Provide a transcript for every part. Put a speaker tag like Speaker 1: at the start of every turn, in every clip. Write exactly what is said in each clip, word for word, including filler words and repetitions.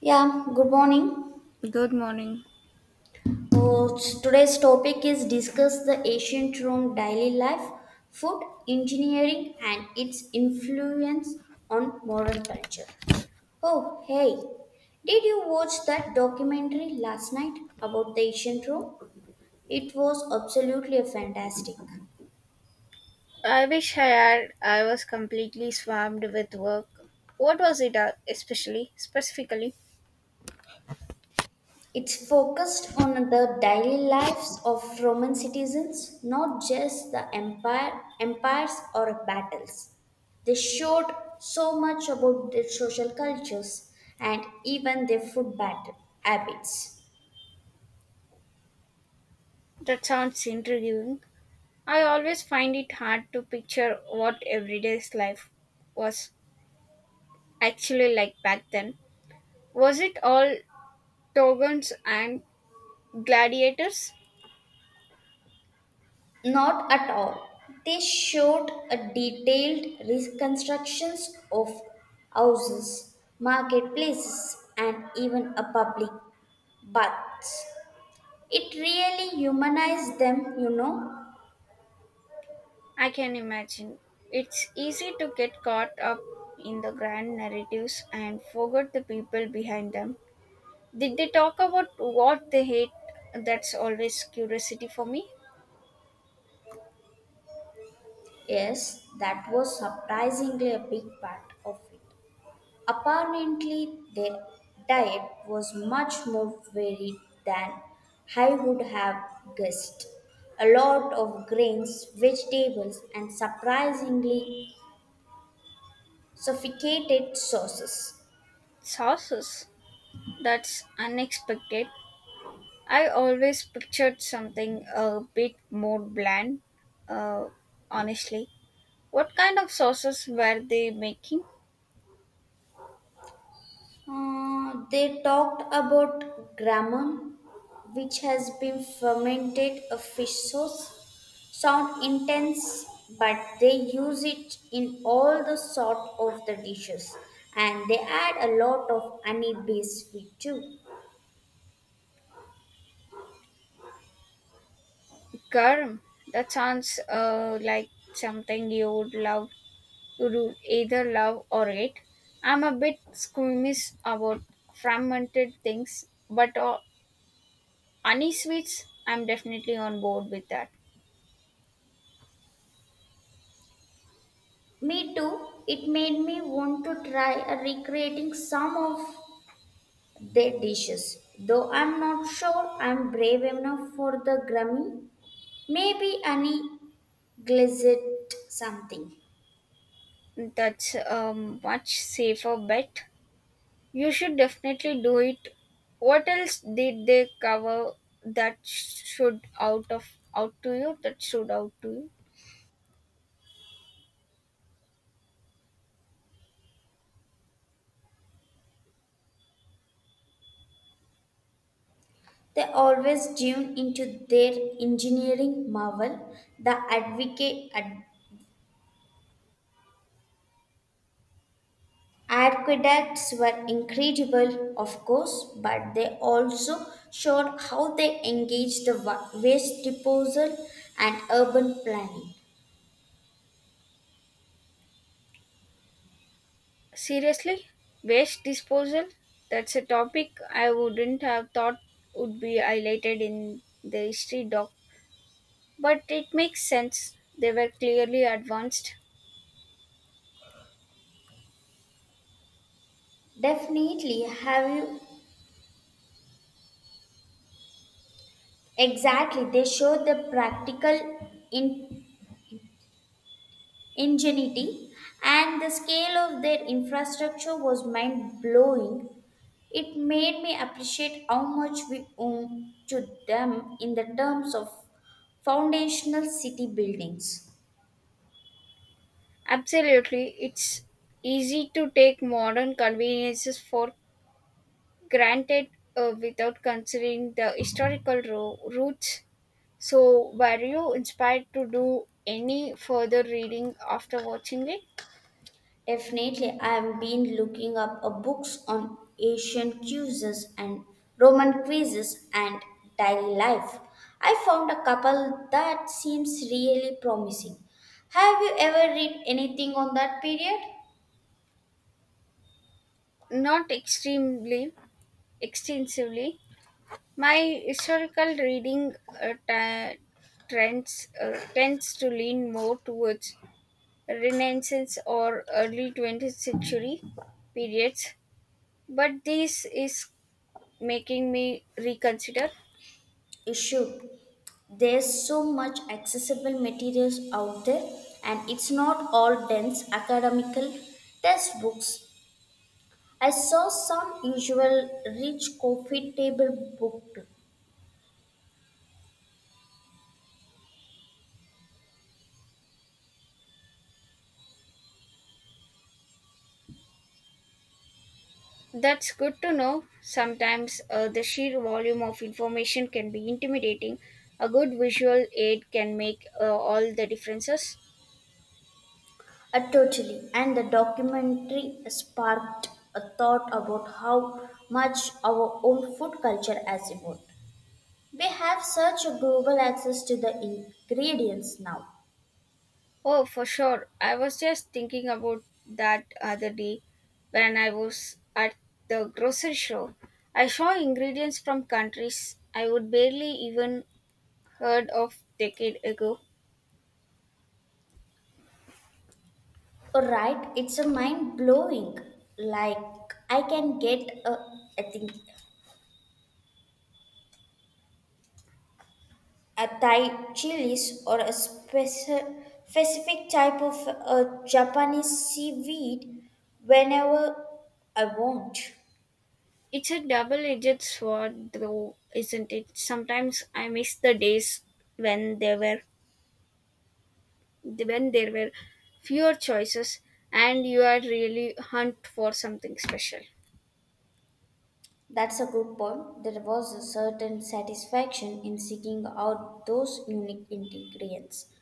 Speaker 1: Yeah, good morning.
Speaker 2: Good morning.
Speaker 1: So, today's topic is discuss the ancient Rome daily life, food, engineering, and its influence on modern culture. Oh, hey, did you watch that documentary last night about the ancient Rome? It was absolutely fantastic.
Speaker 2: I wish I had. I was completely swamped with work. What was it, uh, especially, specifically?
Speaker 1: It's focused on the daily lives of Roman citizens, not just the empire, empires or battles. They showed so much about their social cultures and even their food bat- habits.
Speaker 2: That sounds intriguing. I always find it hard to picture what everyday's life was actually like back then. Was it all togans and gladiators?
Speaker 1: Not at all. They showed a detailed reconstructions of houses, marketplaces, and even a public baths. It really humanized them, you know.
Speaker 2: I can imagine. It's easy to get caught up in the grand narratives and forget the people behind them. Did they talk about what they hate? That's always curiosity for me.
Speaker 1: Yes, that was surprisingly a big part of it. Apparently, their diet was much more varied than I would have guessed. A lot of grains, vegetables, and surprisingly sophisticated sauces.
Speaker 2: Sauces. That's unexpected. I always pictured something a bit more bland, uh, honestly. What kind of sauces were they making?
Speaker 1: Uh, they talked about grammon, which has been fermented a fish sauce. Sound intense, but they use it in all the sort of the dishes, and they add a lot of honey-based sweet too.
Speaker 2: Garam. That sounds uh, like something you would love, you would either love or hate. I'm a bit squeamish about fermented things, but uh, honey sweets, I'm definitely on board with that.
Speaker 1: Me too. It made me want to try uh, recreating some of their dishes, though I'm not sure I'm brave enough for the grammy. Maybe Annie glanced something.
Speaker 2: That's a much safer bet. You should definitely do it. What else did they cover that should out of out to you? That should out to you.
Speaker 1: They always tune into their engineering marvel. The advocate ad- aqueducts were incredible, of course, but they also showed how they engaged the wa- waste disposal and urban planning.
Speaker 2: Seriously, waste disposal. That's a topic I wouldn't have thought would be highlighted in the history doc, but it makes sense. They were clearly advanced.
Speaker 1: Definitely, have you exactly? They show the practical in ingenuity and the scale of their infrastructure was mind blowing. It made me appreciate how much we owe to them in the terms of foundational city buildings.
Speaker 2: Absolutely, it's easy to take modern conveniences for granted uh, without considering the historical ro- roots. So, were you inspired to do any further reading after watching it?
Speaker 1: Definitely, I have been looking up a books on Asian cuisines and Roman quizzes and daily life. I found a couple that seems really promising. Have you ever read anything on that period?
Speaker 2: Not extremely extensively. My historical reading uh, ta- trends uh, tends to lean more towards Renaissance or early twentieth century periods, but this is making me reconsider.
Speaker 1: You should. There's so much accessible materials out there, and it's not all dense academical textbooks. I saw some usual rich coffee table book too.
Speaker 2: That's good to know. Sometimes uh, the sheer volume of information can be intimidating. A good visual aid can make uh, all the differences.
Speaker 1: Uh, totally, and the documentary sparked a thought about how much our own food culture has evolved. We have such a global access to the ingredients now.
Speaker 2: Oh, for sure. I was just thinking about that other day when I was at the grocery store. I saw ingredients from countries I would barely even heard of decade ago.
Speaker 1: Alright, it's a mind blowing. Like I can get a I think a Thai chilies or a speci- specific type of a Japanese seaweed whenever I want.
Speaker 2: It's a double edged sword, though, isn't it? Sometimes I miss the days when there were when there were fewer choices and you are really hunt for something special.
Speaker 1: That's a good point. There was a certain satisfaction in seeking out those unique ingredients.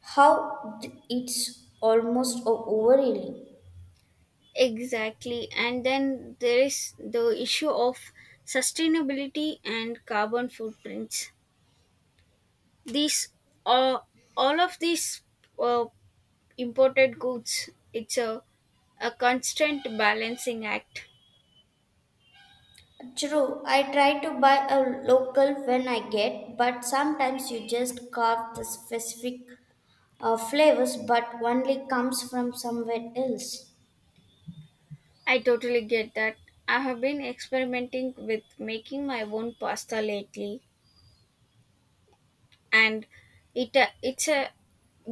Speaker 1: How d- it's almost o- overwhelming.
Speaker 2: Exactly. And then there is the issue of sustainability and carbon footprints. These are all of these uh, imported goods. It's a, a constant balancing act.
Speaker 1: True, I try to buy a local when I get, but sometimes you just carve the specific uh, flavors but only comes from somewhere else.
Speaker 2: I totally get that. I have been experimenting with making my own pasta lately, and it uh, it's a,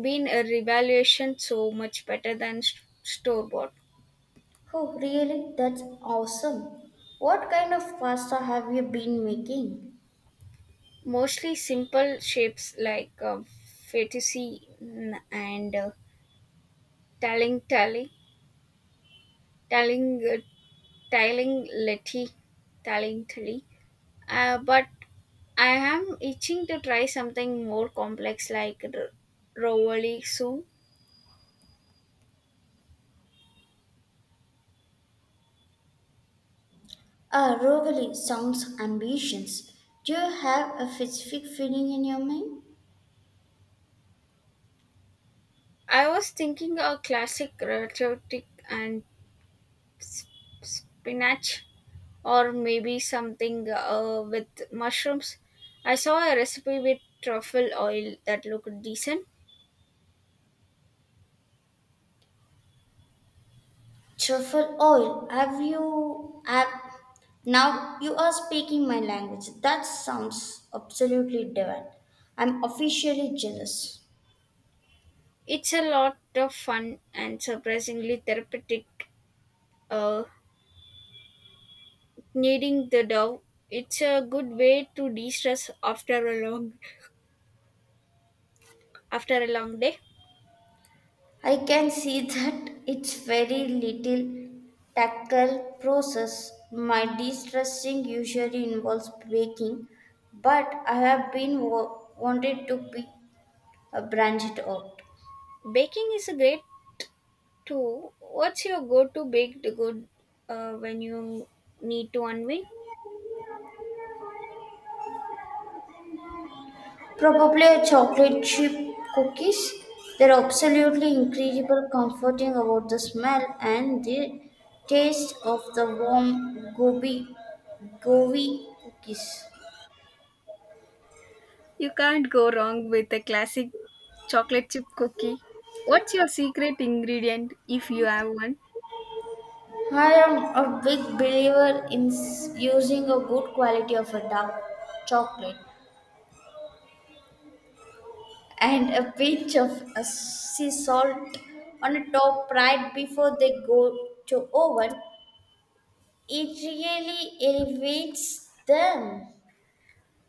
Speaker 2: been a revaluation, so much better than s store bought.
Speaker 1: Oh, really? That's awesome. What kind of pasta have you been making?
Speaker 2: Mostly simple shapes like uh, fettuccine and uh, taling tally, taling uh, taling letty, taling tally. Uh, but I am itching to try something more complex like r- rovoli.
Speaker 1: Ah, Rogali sounds ambitious. Do you have a specific feeling in your mind?
Speaker 2: I was thinking a classic rotisserie and sp- spinach, or maybe something uh, with mushrooms. I saw a recipe with truffle oil that looked decent.
Speaker 1: Truffle oil. Have you have now you are speaking my language. That sounds absolutely divine. I'm officially jealous.
Speaker 2: It's a lot of fun and surprisingly therapeutic. Uh, Kneading the dough, it's a good way to de-stress after a long after a long day.
Speaker 1: I can see that it's very little tackle process. My de-stressing usually involves baking, but I have been wa- wanted to be uh, branched out.
Speaker 2: Baking is a great too. What's your go-to baked good uh, when you need to unwind?
Speaker 1: Probably a chocolate chip cookies. They're absolutely incredible, comforting about the smell and the taste of the warm gobi gobi cookies.
Speaker 2: You can't go wrong with a classic chocolate chip cookie. What's your secret ingredient if you have one?
Speaker 1: I am a big believer in s- using a good quality of a dark chocolate and a pinch of a sea salt on the top right before they go to oven. It really elevates them.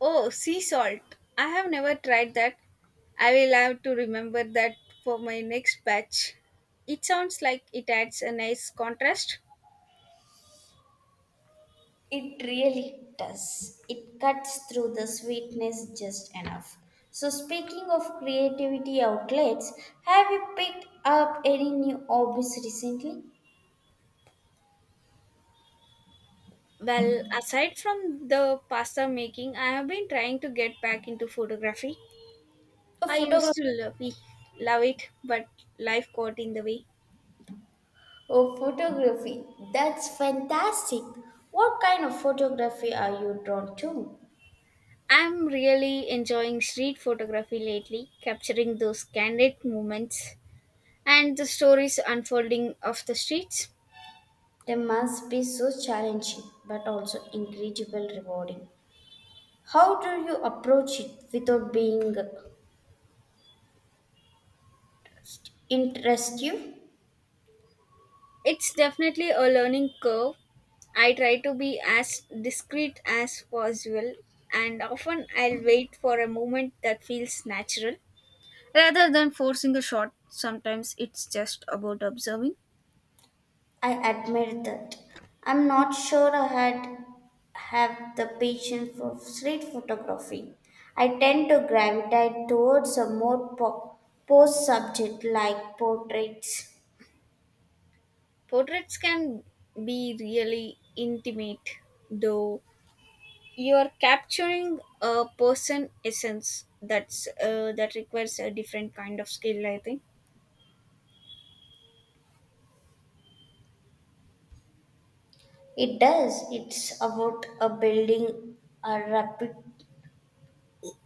Speaker 2: Oh, sea salt. I have never tried that. I will have to remember that for my next batch. It sounds like it adds a nice contrast.
Speaker 1: It really does. It cuts through the sweetness just enough. So speaking of creativity outlets, have you picked up any new hobbies recently?
Speaker 2: Well, aside from the pasta making, I have been trying to get back into photography.
Speaker 1: A
Speaker 2: I used
Speaker 1: photographer.
Speaker 2: to love it, love it but life got in the way.
Speaker 1: Oh, photography. That's fantastic. What kind of photography are you drawn to?
Speaker 2: I'm really enjoying street photography lately, capturing those candid moments and the stories unfolding of the streets.
Speaker 1: They must be so challenging but also incredibly rewarding. How do you approach it without being interested?
Speaker 2: It's definitely a learning curve. I try to be as discreet as possible, and often I'll wait for a moment that feels natural rather than forcing a shot. Sometimes it's just about observing.
Speaker 1: I admire that. I'm not sure I had have the patience for street photography. I tend to gravitate towards a more po- post subject like portraits.
Speaker 2: Portraits can be really intimate, though you're capturing a person essence. That's uh, that requires a different kind of skill, I think.
Speaker 1: It does. It's about a building a rapid,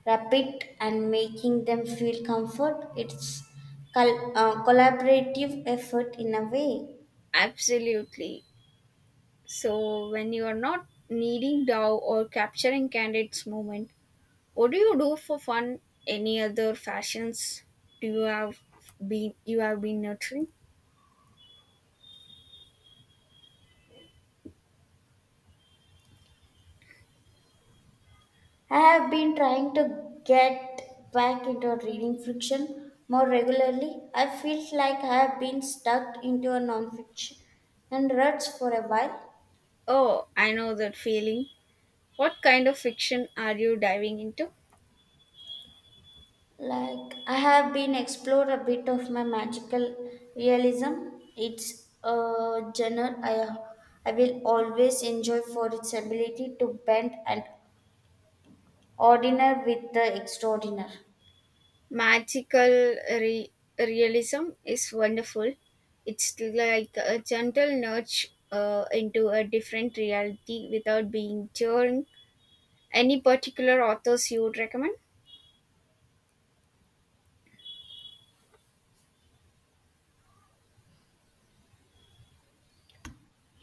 Speaker 1: rapid and making them feel comfort. It's col- uh, collaborative effort in a way.
Speaker 2: Absolutely. So when you are not needing dow or capturing candidates moment, what do you do for fun? Any other fashions do you have, been you have been nurturing?
Speaker 1: I have been trying to get back into reading fiction more regularly. I feel like I have been stuck into a nonfiction and ruts for a while.
Speaker 2: Oh, I know that feeling. What kind of fiction are you diving into?
Speaker 1: Like, I have been explored a bit of my magical realism. It's a genre I, I will always enjoy for its ability to bend an ordinary with the extraordinary.
Speaker 2: magical re- realism is wonderful. It's like a gentle nudge uh, into a different reality without being jarring. Any particular authors you would recommend?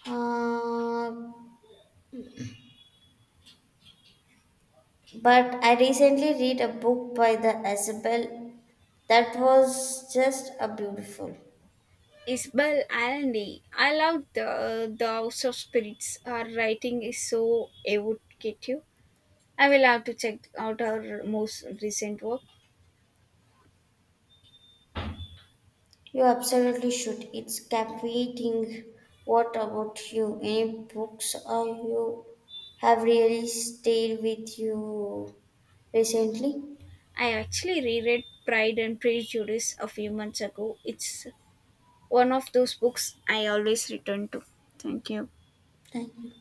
Speaker 1: Uh, but I recently read a book by the Isabel that was just a beautiful.
Speaker 2: Isabel Allende. I love the the House of Spirits. Her writing is so evocative. I will have to check out her most recent work.
Speaker 1: You absolutely should. It's captivating. What about you? Any books uh, you have really stayed with you recently?
Speaker 2: I actually reread Pride and Prejudice a few months ago. It's one of those books I always return to. Thank you.
Speaker 1: Thank you.